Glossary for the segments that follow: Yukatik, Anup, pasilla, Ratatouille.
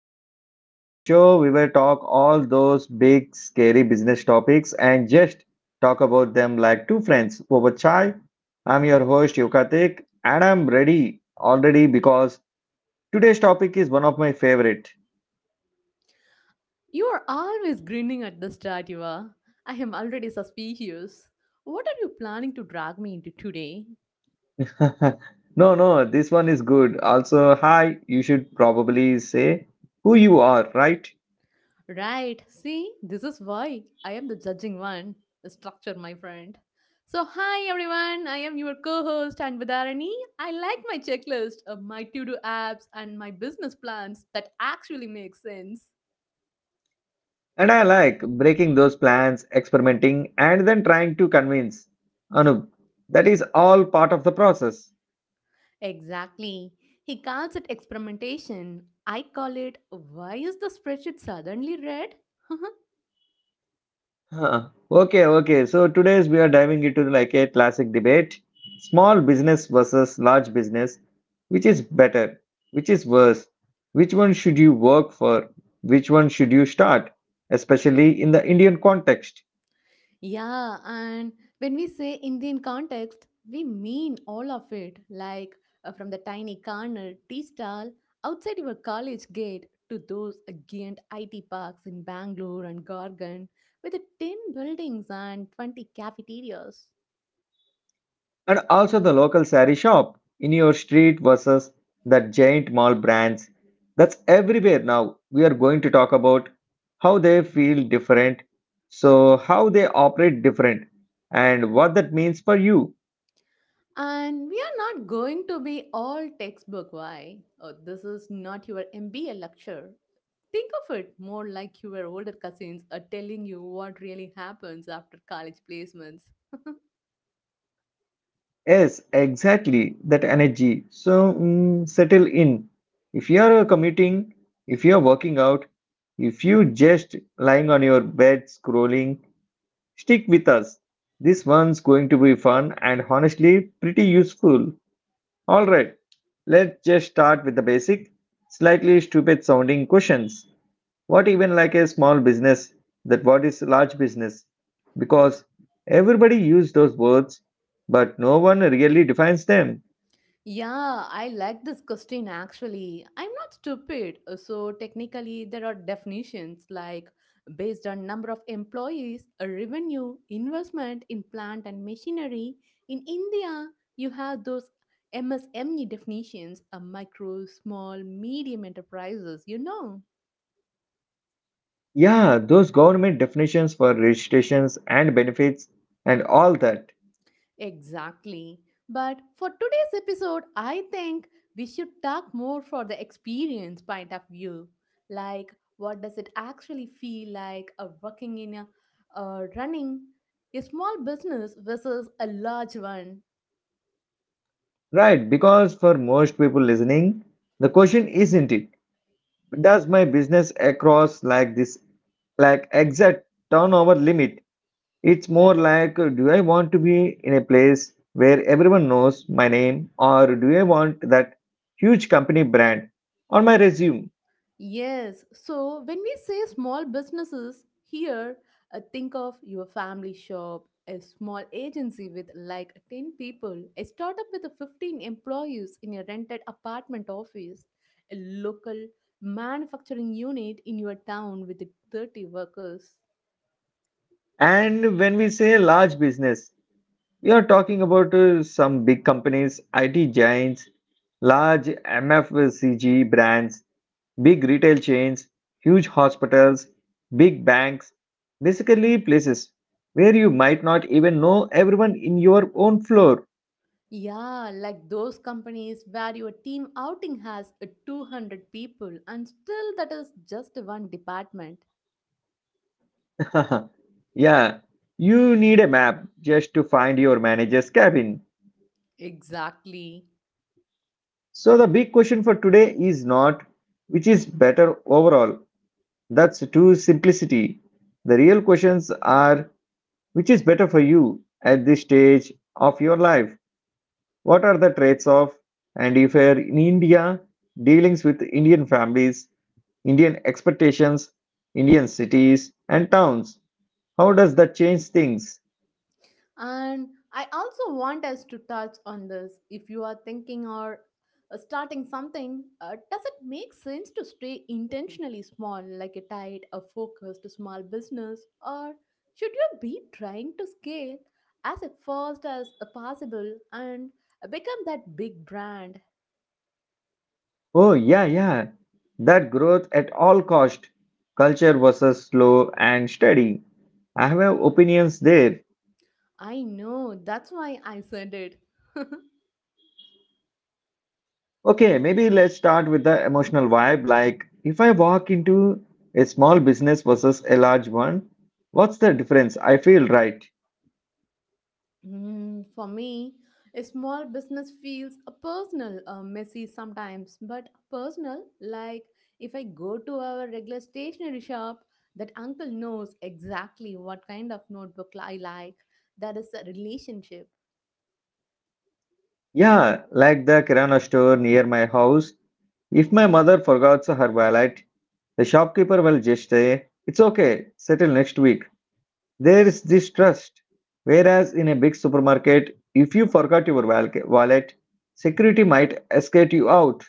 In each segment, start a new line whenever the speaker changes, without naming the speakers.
to Business, the show we will talk all those big scary business topics and just talk about them like two friends over chai. I'm your host Yukatik and I'm ready already because today's topic is one of my favorite.
You are always grinning at the start, you are. I am already suspicious. What are you planning to drag me into today?
No, no, this one is good. Also, hi, you should probably say who you are, right?
Right, see, this is why I am the judging one. The structure, my friend. So, hi everyone, I am your co host Anvadarani. I like my checklist, my to do apps, and my business plans that actually make sense.
And I like breaking those plans, experimenting, and then trying to convince. Anup, that is all part of the process.
Exactly. He calls it experimentation. I call it, why is the spreadsheet suddenly red?
Huh. Okay. So today's we are diving into like a classic debate, small business versus large business, which is better, which is worse, which one should you work for, which one should you start, especially in the Indian context,
Yeah, and when we say Indian context, we mean all of it, like from the tiny corner tea stall outside your college gate to those giant IT parks in Bangalore and Gorgon with the 10 buildings and 20 cafeterias.
and also the local sari shop in your street versus the giant mall brands. That's everywhere now. We are going to talk about how they feel different, so how they operate different, and what that means for you.
And we are not going to be all textbook why. Oh, this is not your MBA lecture. Think of it more like your older cousins are telling you what really happens after college placements.
Yes, exactly. That energy. So settle in. If you are commuting, if you are working out, if you just lying on your bed scrolling, stick with us. This one's going to be fun and honestly pretty useful. All right, let's just start with the basic, slightly stupid sounding questions what even like a small business that what is large business because everybody use those words but no one really defines them.
Yeah, I like this question actually. I'm not stupid. So technically there are definitions like based on number of employees, a revenue, investment in plant and machinery. In India, you have those MSME definitions, a micro, small, medium enterprises.
Yeah, those government definitions for registrations and benefits and all that.
Exactly. But for today's episode, I think we should talk more for the experience point of view. Like, what does it actually feel like working in a running a small business versus a large one?
Right, because for most people listening the question isn't it does my business across like this like exact turnover limit. It's more like, do I want to be in a place where everyone knows my name, or do I want that huge company brand on my resume?
Yes, so when we say small businesses here, think of your family shop, a small agency with like 10 people, a startup with 15 employees in a rented apartment office, a local manufacturing unit in your town with 30 workers.
And when we say large business, we are talking about some big companies, IT giants, large MFCG brands, big retail chains, huge hospitals, big banks, basically places where you might not even know everyone in your own floor.
Yeah, like those companies where your team outing has 200 people and still that is just one department.
Yeah, you need a map just to find your manager's cabin.
Exactly.
So the big question for today is not which is better overall. That's too simplicity. The real questions are which is better for you at this stage of your life? What are the traits of? And if you're in India, dealings with Indian families, Indian expectations, Indian cities and towns, how does that change things?
And I also want us to touch on this. If you are thinking or starting something, does it make sense to stay intentionally small, like a focused small business, or should you be trying to scale as fast as possible and become that big brand?
Oh, yeah, yeah. That growth at all cost. Culture versus slow and steady. I have opinions there.
I know that's why I said it.
Okay, maybe let's start with the emotional vibe. Like, if I walk into a small business versus a large one, what's the difference? I feel right.
For me, a small business feels a personal, messy sometimes, but personal, like if I go to our regular stationery shop, that uncle knows exactly what kind of notebook I like. That is a relationship.
Yeah, like the Kirana store near my house. If my mother forgets her wallet, the shopkeeper will just say, "It's okay, settle next week." There is this trust. Whereas in a big supermarket, if you forgot your wallet, security might escort you out.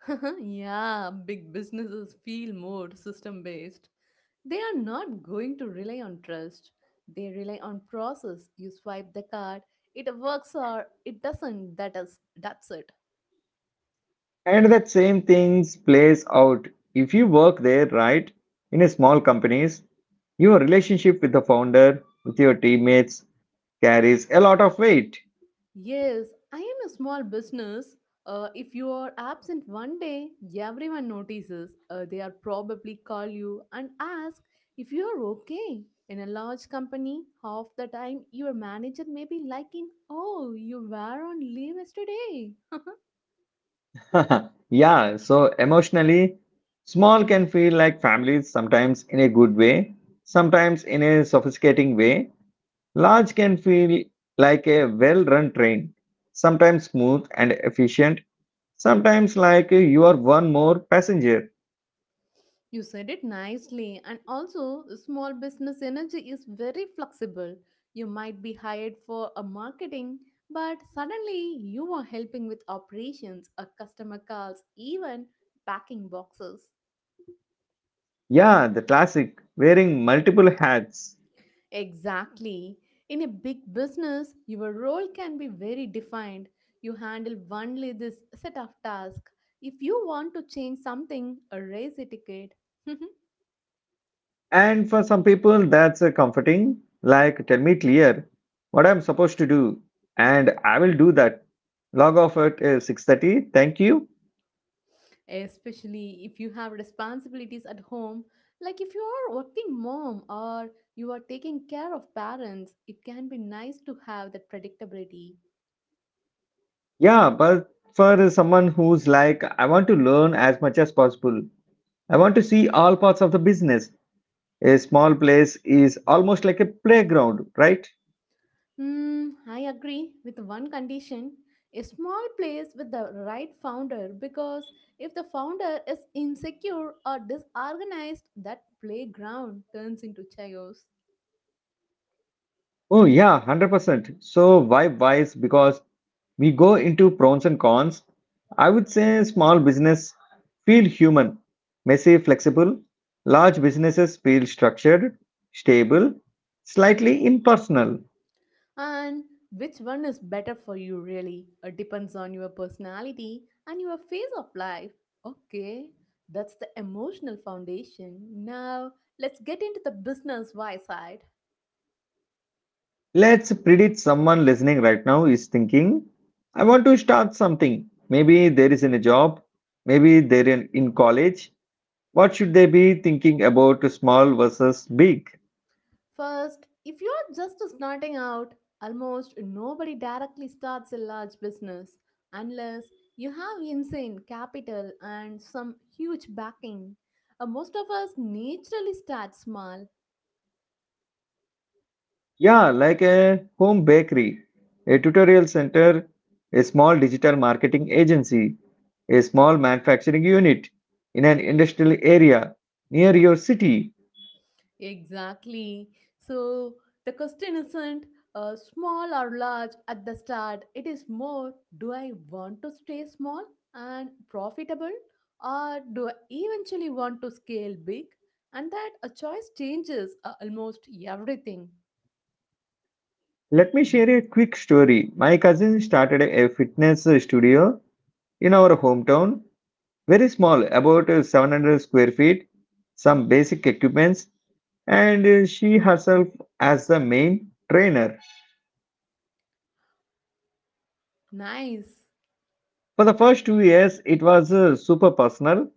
Yeah, big businesses feel more system based. They are not going to rely on trust. They rely on process. You swipe the card, it works or it doesn't. That's it.
And that same thing plays out if you work there, right? In a small companies, your relationship with the founder, with your teammates, carries a lot of weight.
Yes, I am a small business. If you are absent one day, everyone notices. They are probably call you and ask if you are okay. In a large company, half the time your manager may be liking, "Oh, you were on leave yesterday."
Yeah, so emotionally, small can feel like families sometimes in a good way, sometimes in a sophisticating way. Large can feel like a well run train, sometimes smooth and efficient, sometimes like you are one more passenger.
You said it nicely, and also, the small business energy is very flexible. You might be hired for a marketing, but suddenly you are helping with operations, or customer calls, even packing boxes.
Yeah, the classic, wearing multiple hats.
Exactly. In a big business, your role can be very defined. You handle only this set of tasks. If you want to change something, raise a ticket.
And for some people, that's comforting, like tell me clear what I'm supposed to do, and I will do that. Log off at 6:30, thank you.
Especially if you have responsibilities at home, like if you are working mom or you are taking care of parents, it can be nice to have that predictability.
Yeah, but for someone who's like, I want to learn as much as possible, I want to see all parts of the business. A small place is almost like a playground, right?
I agree with one condition: a small place with the right founder, because if the founder is insecure or disorganized, that playground turns into chaos.
Oh, yeah, 100%. So, why wise? Because we go into pros and cons. I would say small business feel human, messy, flexible. Large businesses feel structured, stable, slightly impersonal.
And which one is better for you, really? It depends on your personality and your phase of life. Okay, that's the emotional foundation. Now, let's get into the business why side.
Let's predict someone listening right now is thinking, I want to start something. Maybe there is in a job, maybe they're in college. What should they be thinking about small versus big?
First, if you're just starting out, almost nobody directly starts a large business unless you have insane capital and some huge backing. Most of us naturally start small.
Yeah, like a home bakery, a tutorial center, a small digital marketing agency, a small manufacturing unit in an industrial area near your city.
Exactly. So the question isn't small or large at the start. It is more, do I want to stay small and profitable, or do I eventually want to scale big? And that a choice changes almost everything.
Let me share a quick story. My cousin started a fitness studio in our hometown, very small, about 700 square feet, some basic equipments, and she herself as the main trainer.
Nice.
For the first 2 years, it was super personal.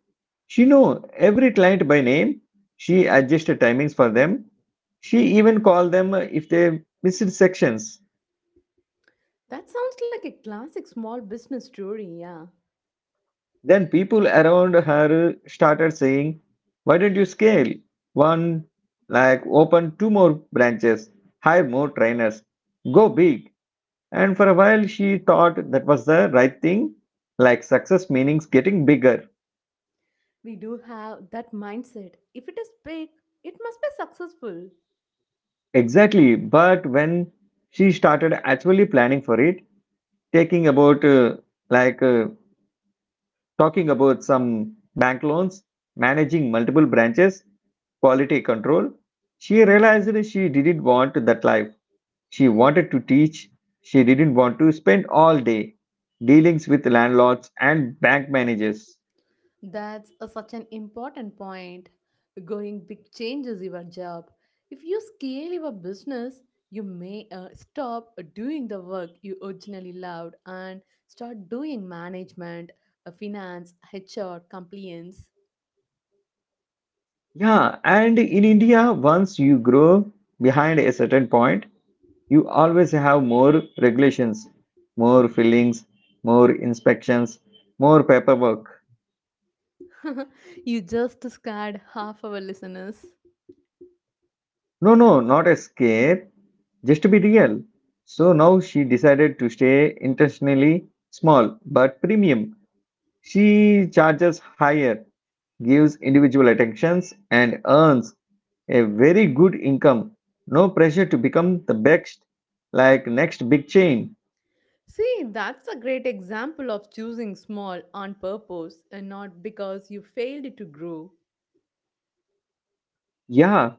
She knew every client by name. She adjusted timings for them. She even called them if they missed sections.
That sounds like a classic small business story, yeah.
Then people around her started saying, "Why don't you scale? One, like open two more branches, hire more trainers, go big." And for a while, she thought that was the right thing, like success meanings getting bigger.
We do have that mindset. If it is big, it must be successful.
Exactly. But when she started actually planning for it, taking about like talking about some bank loans, managing multiple branches, quality control, she realized she didn't want that life. She wanted to teach. She didn't want to spend all day dealings with landlords and bank managers.
That's such an important point. Going big changes your job. If you scale your business, you may stop doing the work you originally loved and start doing management, finance, HR, compliance.
Yeah, and in India, once you grow behind a certain point, you always have more regulations, more fillings, more inspections, more paperwork.
You just scared half our listeners.
No, not a scare, just to be real. So now she decided to stay intentionally small but premium. She charges higher, gives individual attentions, and earns a very good income. No pressure to become the best, like next big chain.
See, that's a great example of choosing small on purpose and not because you failed to grow.
Yeah,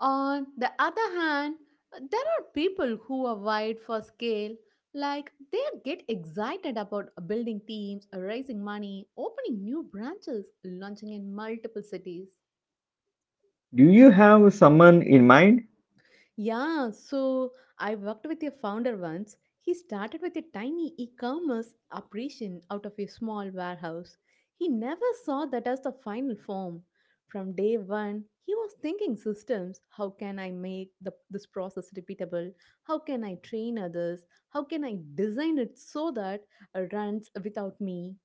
On the other hand, there are people who are wired for scale, like they get excited about building teams, raising money, opening new branches, launching in multiple cities.
do you have someone in mind?
Yeah, so I worked with a founder once. He started with a tiny e commerce operation out of a small warehouse. He never saw that as the final form. From day one, he was thinking systems. How can I make this process repeatable? How can I train others? How can I design it so that it runs without me?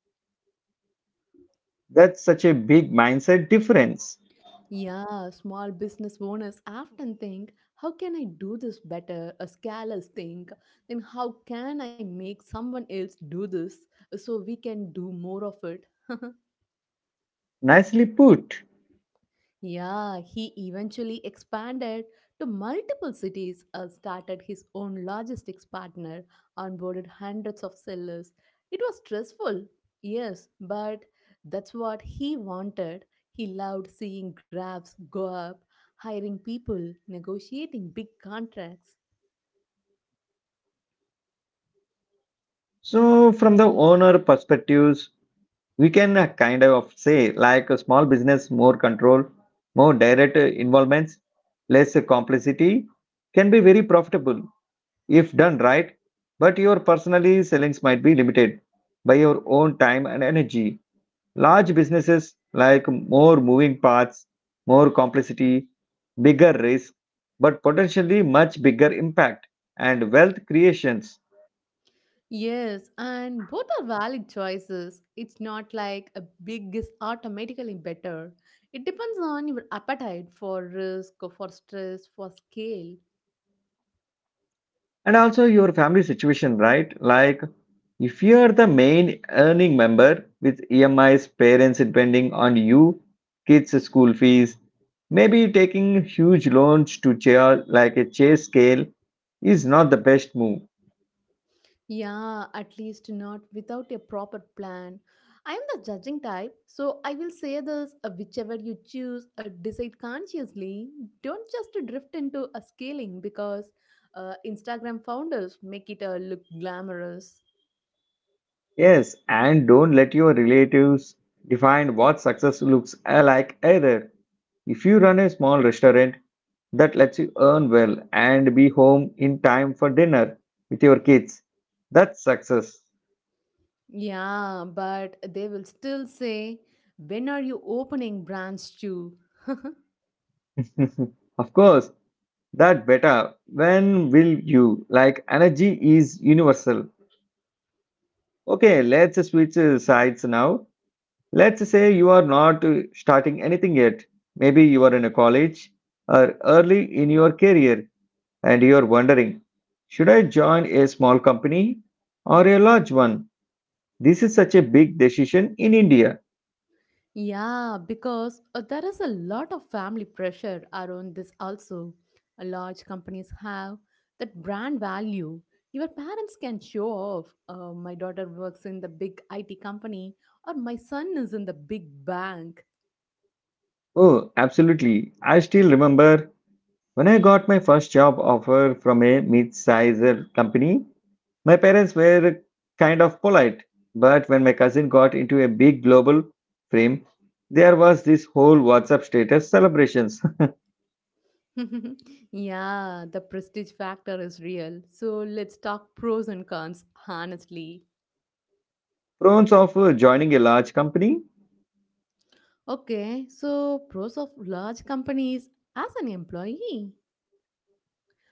That's such a big mindset difference.
Yeah, small business owners often think, how can I do this better? A scalers think, then how can I make someone else do this so we can do more of it?
Nicely put.
Yeah, he eventually expanded to multiple cities, started his own logistics partner, onboarded hundreds of sellers. It was stressful, yes, but that's what he wanted. He loved seeing graphs go up, hiring people, negotiating big contracts.
So, from the owner perspectives, we can kind of say like a small business, more control, more direct involvements, less complexity can be very profitable if done right. But your personally sellings might be limited by your own time and energy. Large businesses like more moving parts, more complexity, bigger risk, but potentially much bigger impact and wealth creations.
Yes, and both are valid choices. It's not like a big is automatically better. It depends on your appetite for risk, for stress, for scale.
And also your family situation, right? Like if you are the main earning member with EMIs, parents depending on you, kids' school fees, maybe taking huge loans to chair like a chase scale is not the best move.
Yeah, at least not without a proper plan. I am the judging type, so I will say this, whichever you choose, decide consciously. Don't just drift into a scaling because Instagram founders make it look glamorous.
Yes, and don't let your relatives define what success looks like either. If you run a small restaurant that lets you earn well and be home in time for dinner with your kids, that's success.
Yeah, but they will still say, "When are you opening branch two?"
Of course, that better. When will you? Like, energy is universal. Okay, let's switch sides now. Let's say you are not starting anything yet. Maybe you are in a college or early in your career and you're wondering, should I join a small company or a large one? This is such a big decision in India.
Yeah, because there is a lot of family pressure around this also. Large companies have that brand value. Your parents can show off. My daughter works in the big IT company, or my son is in the big bank.
Oh, absolutely. I still remember when I got my first job offer from a mid-sized company. My parents were kind of polite, but when my cousin got into a big global frame, there was this whole WhatsApp status celebrations.
Yeah, the prestige factor is real. So let's talk pros and cons honestly.
Pros of joining a large company.
Okay, so pros of large companies as an employee,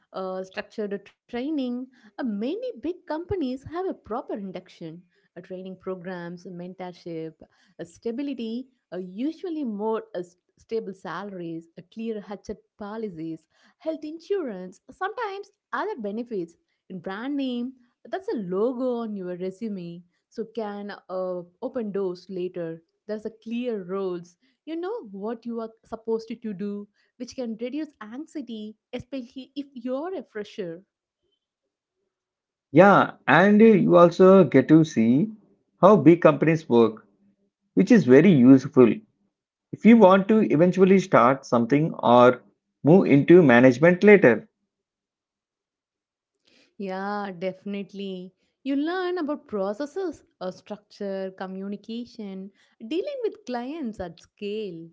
structured training. Many big companies have a proper induction, training programs, mentorship, stability, usually more stable salaries, clear HR policies, health insurance, sometimes other benefits in brand name. That's a logo on your resume, so can open doors later. There's a clear roles. You know what you are supposed to do, which can reduce anxiety, especially if you're a fresher.
Yeah, and you also get to see how big companies work, which is very useful if you want to eventually start something or move into management later.
Yeah, definitely. You learn about processes, structure, communication, dealing with clients at scale.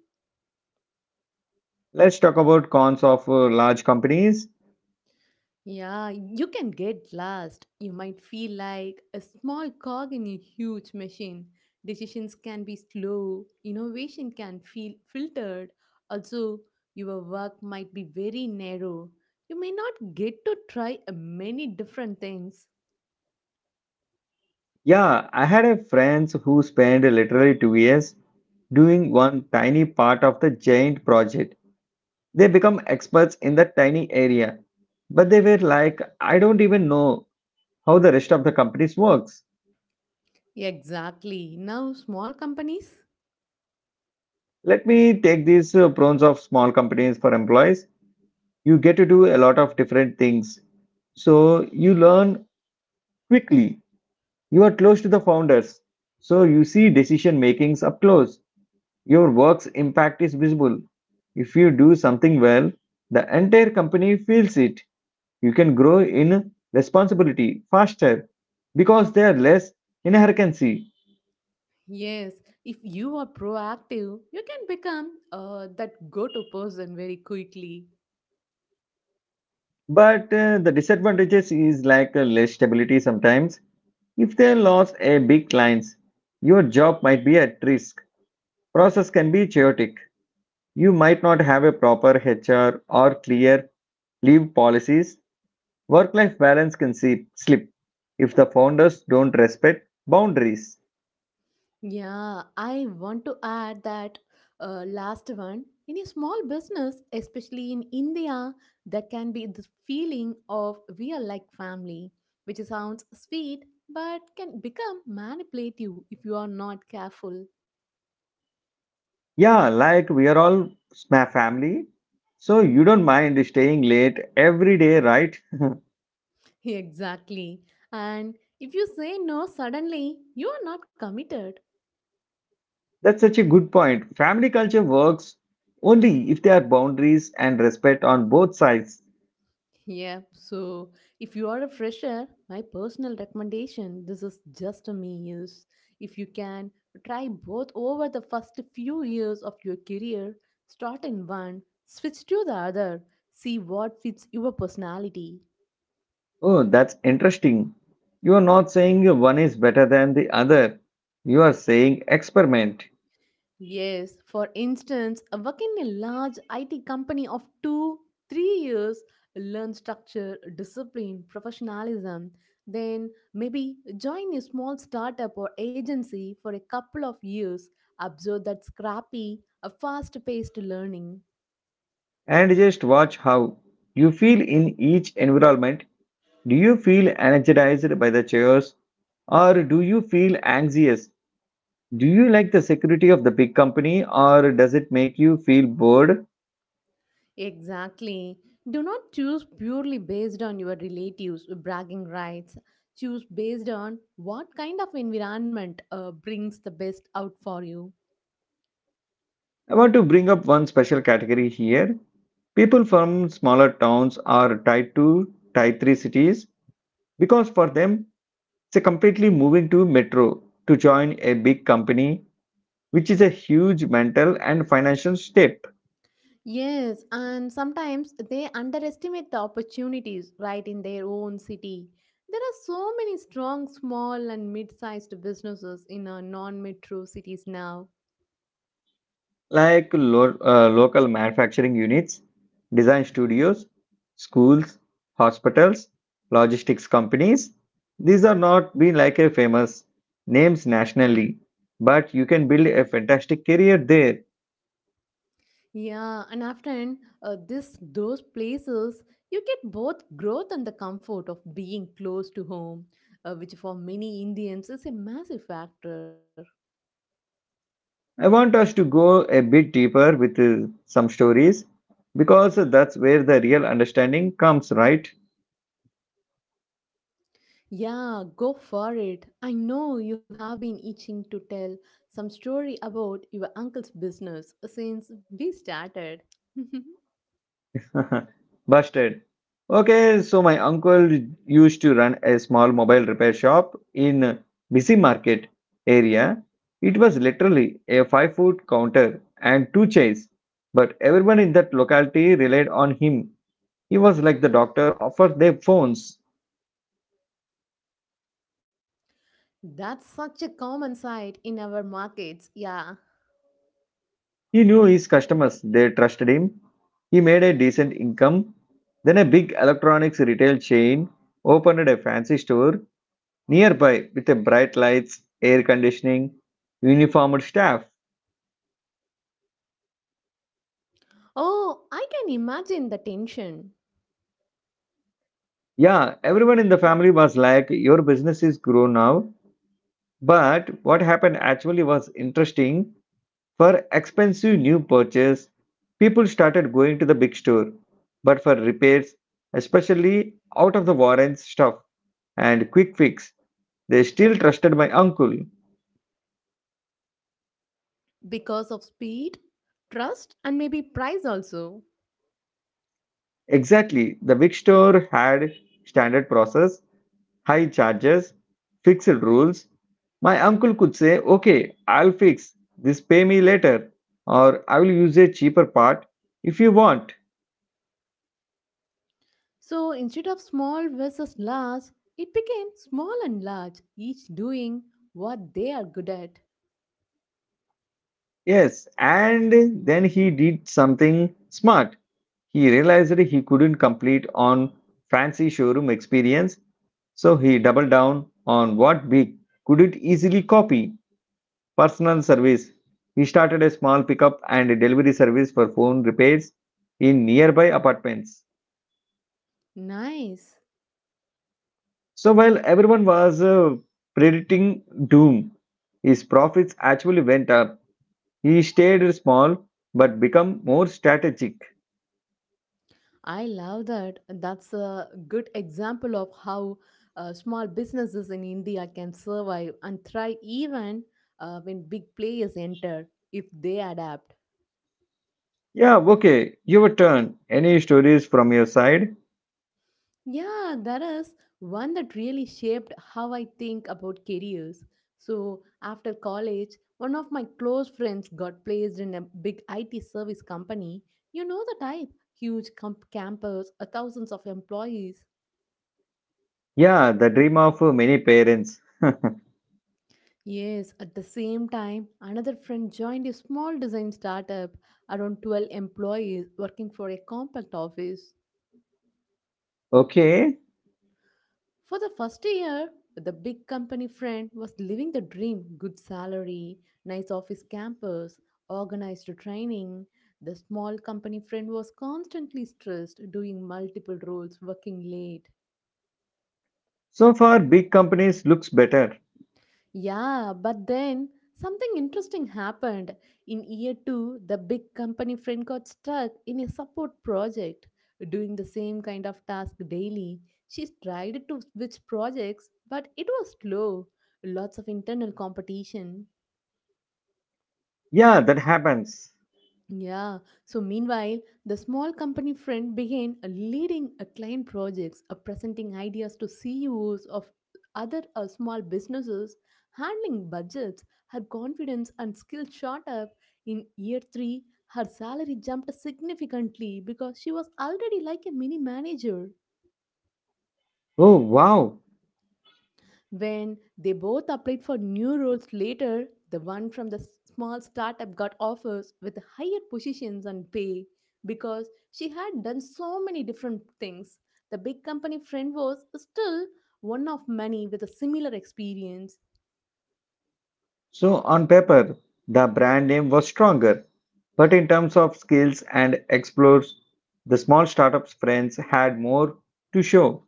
Let's talk about cons of large companies.
Yeah, you can get lost. You might feel like a small cog in a huge machine. Decisions can be slow, innovation can feel filtered. Also, your work might be very narrow. You may not get to try many different things.
Yeah, I had a friend who spent literally 2 years doing one tiny part of the giant project. They become experts in that tiny area, but they were like, I don't even know how the rest of the companies works.
Exactly. Now, small companies?
Let me take these prawns of small companies for employees. You get to do a lot of different things. So you learn quickly. You are close to the founders. So you see decision makings up close. Your work's impact is visible. If you do something well, the entire company feels it. You can grow in responsibility faster because there are less inherency.
Yes, if you are proactive, you can become that go to person very quickly.
But the disadvantages is like less stability sometimes. If they lost a big clients, your job might be at risk. Process can be chaotic. You might not have a proper HR or clear leave policies. Work-life balance can see, slip if the founders don't respect boundaries.
Yeah, I want to add that last one. In a small business, especially in India, there can be this feeling of we are like family, which sounds sweet but can become manipulative if you are not careful.
Yeah, like we are all my family, so you don't mind staying late every day, right?
Exactly. And if you say no suddenly, you are not committed.
That's such a good point. Family culture works only if there are boundaries and respect on both sides.
Yeah, so if you are a fresher, my personal recommendation this is just a me years. If you can, try both over the first few years of your career. Start in one, switch to the other, see what fits your personality.
Oh, that's interesting. You are not saying one is better than the other. You are saying experiment
Yes, for instance, working in a large IT company of two, 3 years, learn structure, discipline, professionalism. Then maybe join a small startup or agency for a couple of years, absorb that scrappy, a fast paced learning.
and just watch how you feel in each environment. Do you feel energized by the chairs or do you feel anxious? Do you like the security of the big company or does it make you feel bored?
Exactly. Do not choose purely based on your relatives' bragging rights. Choose based on what kind of environment brings the best out for you.
I want to bring up one special category here. People from smaller towns are tied to tier 3 cities because for them so completely moving to metro to join a big company, which is a huge mental and financial step,
Yes, and sometimes they underestimate the opportunities right in their own city. There are so many strong small and mid sized businesses in our non metro cities now.
like local manufacturing units, design studios, schools, hospitals, logistics companies. These are not being like a famous names nationally, but you can build a fantastic career there.
Yeah, and often this those places you get both growth and the comfort of being close to home, which for many Indians is a massive factor.
I want us to go a bit deeper with some stories because that's where the real understanding comes, right?
Yeah, go for it. I know you have been itching to tell some story about your uncle's business since we started.
Busted. Okay, so my uncle used to run a small mobile repair shop in busy market area. It was literally a 5 foot counter and two chairs, but everyone in that locality relied on him. He was like the doctor for their phones.
That's such a common sight in our markets, yeah.
He knew his customers, they trusted him. He made a decent income. Then a big electronics retail chain opened a fancy store nearby, with a bright lights, air conditioning, uniformed staff.
Oh, I can imagine the tension
Yeah, everyone in the family was like, "Your business is grown now." But what happened actually was interesting. For expensive new purchase, people started going to the big store. But for repairs, especially out of the warranty stuff and quick fix, they still trusted my uncle.
because of speed, trust, and maybe price also.
Exactly, the big store had standard process, high charges, fixed rules. My uncle could say, "Okay, I'll fix this, pay me later, or I will use a cheaper part if you want."
So instead of small versus large, it became small and large, each doing what they are good at.
Yes, and then he did something smart. He realized he couldn't complete on fancy showroom experience, so he doubled down on what big couldn't easily copy personal service. He started a small pickup and delivery service for phone repairs in nearby apartments.
Nice.
So while everyone was predicting doom, his profits actually went up. He stayed small but become more strategic.
I love that. That's a good example of how small businesses in India can survive and thrive even when big players enter if they adapt.
Yeah, okay, your turn. Any stories from your side?
Yeah, that is one that really shaped how I think about careers. So, after college, one of my close friends got placed in a big IT service company. You know the type, huge campus, thousands of employees.
Yeah, the dream of many parents.
Yes, at the same time, another friend joined a small design startup, around 12 employees working for a compact office.
Okay,
For the first year, the big company friend was living the dream, good salary, nice office campus, organized training. The small company friend was constantly stressed, doing multiple roles, working late.
so far big companies looks better.
Yeah, but then something interesting happened. In year two, the big company friend got stuck in a support project, doing the same kind of task daily. She tried to switch projects, but it was slow. Lots of internal competition.
Yeah, that happens.
Yeah. So meanwhile, the small company friend began leading a client projects, presenting ideas to CEOs of other small businesses, handling budgets. Her confidence and skill shot up. In year three, her salary jumped significantly because she was already like a mini manager.
Oh wow.
When they both applied for new roles later, the one from the small startup got offers with higher positions and pay because she had done so many different things. The big company friend was still one of many with a similar experience.
So, on paper, the brand name was stronger, but in terms of skills and explores, the small startup's friends had more to show.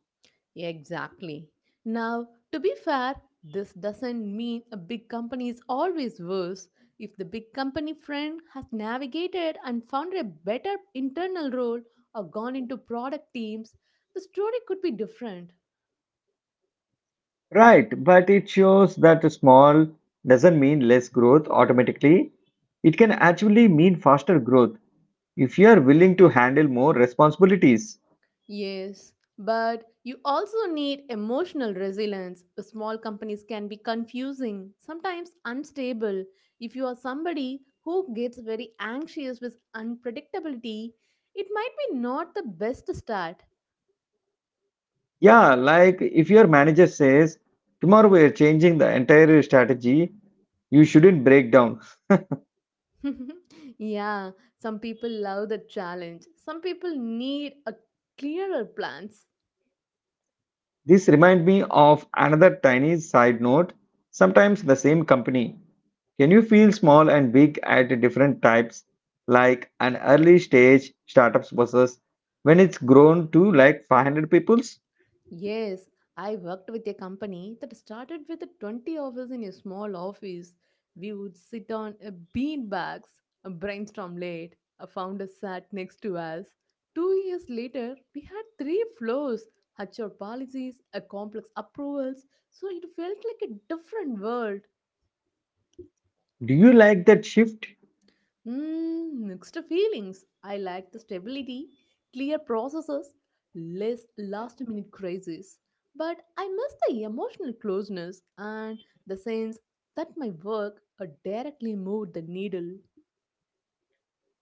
Exactly. Now, to be fair, this doesn't mean a big company is always worse. If the big company friend has navigated and found a better internal role or gone into product teams, the story could be different.
Right, but it shows that small doesn't mean less growth automatically. It can actually mean faster growth if you are willing to handle more responsibilities.
Yes, but you also need emotional resilience. Small companies can be confusing, sometimes unstable. If you are somebody who gets very anxious with unpredictability, it might be not the best start.
Yeah, like if your manager says, "Tomorrow we are changing the entire strategy," you shouldn't break down.
Yeah, some people love the challenge. Some people need a clearer plans.
This reminds me of another tiny side note. Sometimes the same company can you feel small and big at different types, like an early stage startups versus when it's grown to like 500 peoples?
Yes, I worked with a company that started with 20 of us in a small office. We would sit on a bean bags, a brainstorm late. A founder sat next to us. 2 years later, we had three floors, HR policies, a complex approvals. So it felt like a different world.
Do you like that shift?
Mixed feelings. I like the stability, clear processes, less last minute crises. But I miss the emotional closeness and the sense that my work directly moved the needle.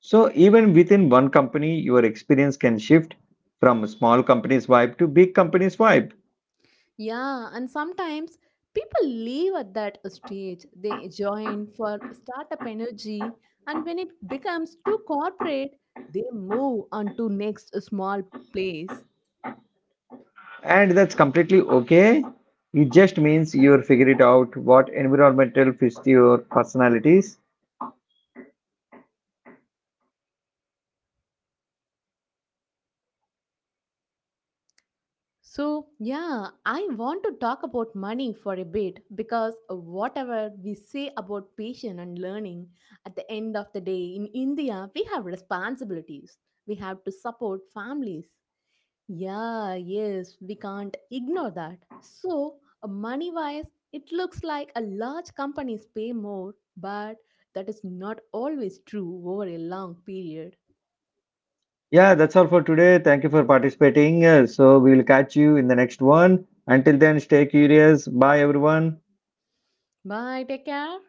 So even within one company, your experience can shift from small company's vibe to big company's vibe,
Yeah, and sometimes people leave at that stage. They join for startup energy, and when it becomes too corporate, they move on to next small place.
and that's completely okay. It just means you're figuring out what environmental fits your personalities.
So, yeah, I want to talk about money for a bit because whatever we say about patience and learning, at the end of the day, in India, we have responsibilities. We have to support families. Yeah, yes, we can't ignore that. So, money wise, it looks like a large companies pay more, but that is not always true over a long period.
Yeah, that's all for today. Thank you for participating. So we'll catch you in the next one. Until then, stay curious. Bye, everyone.
Bye, take care.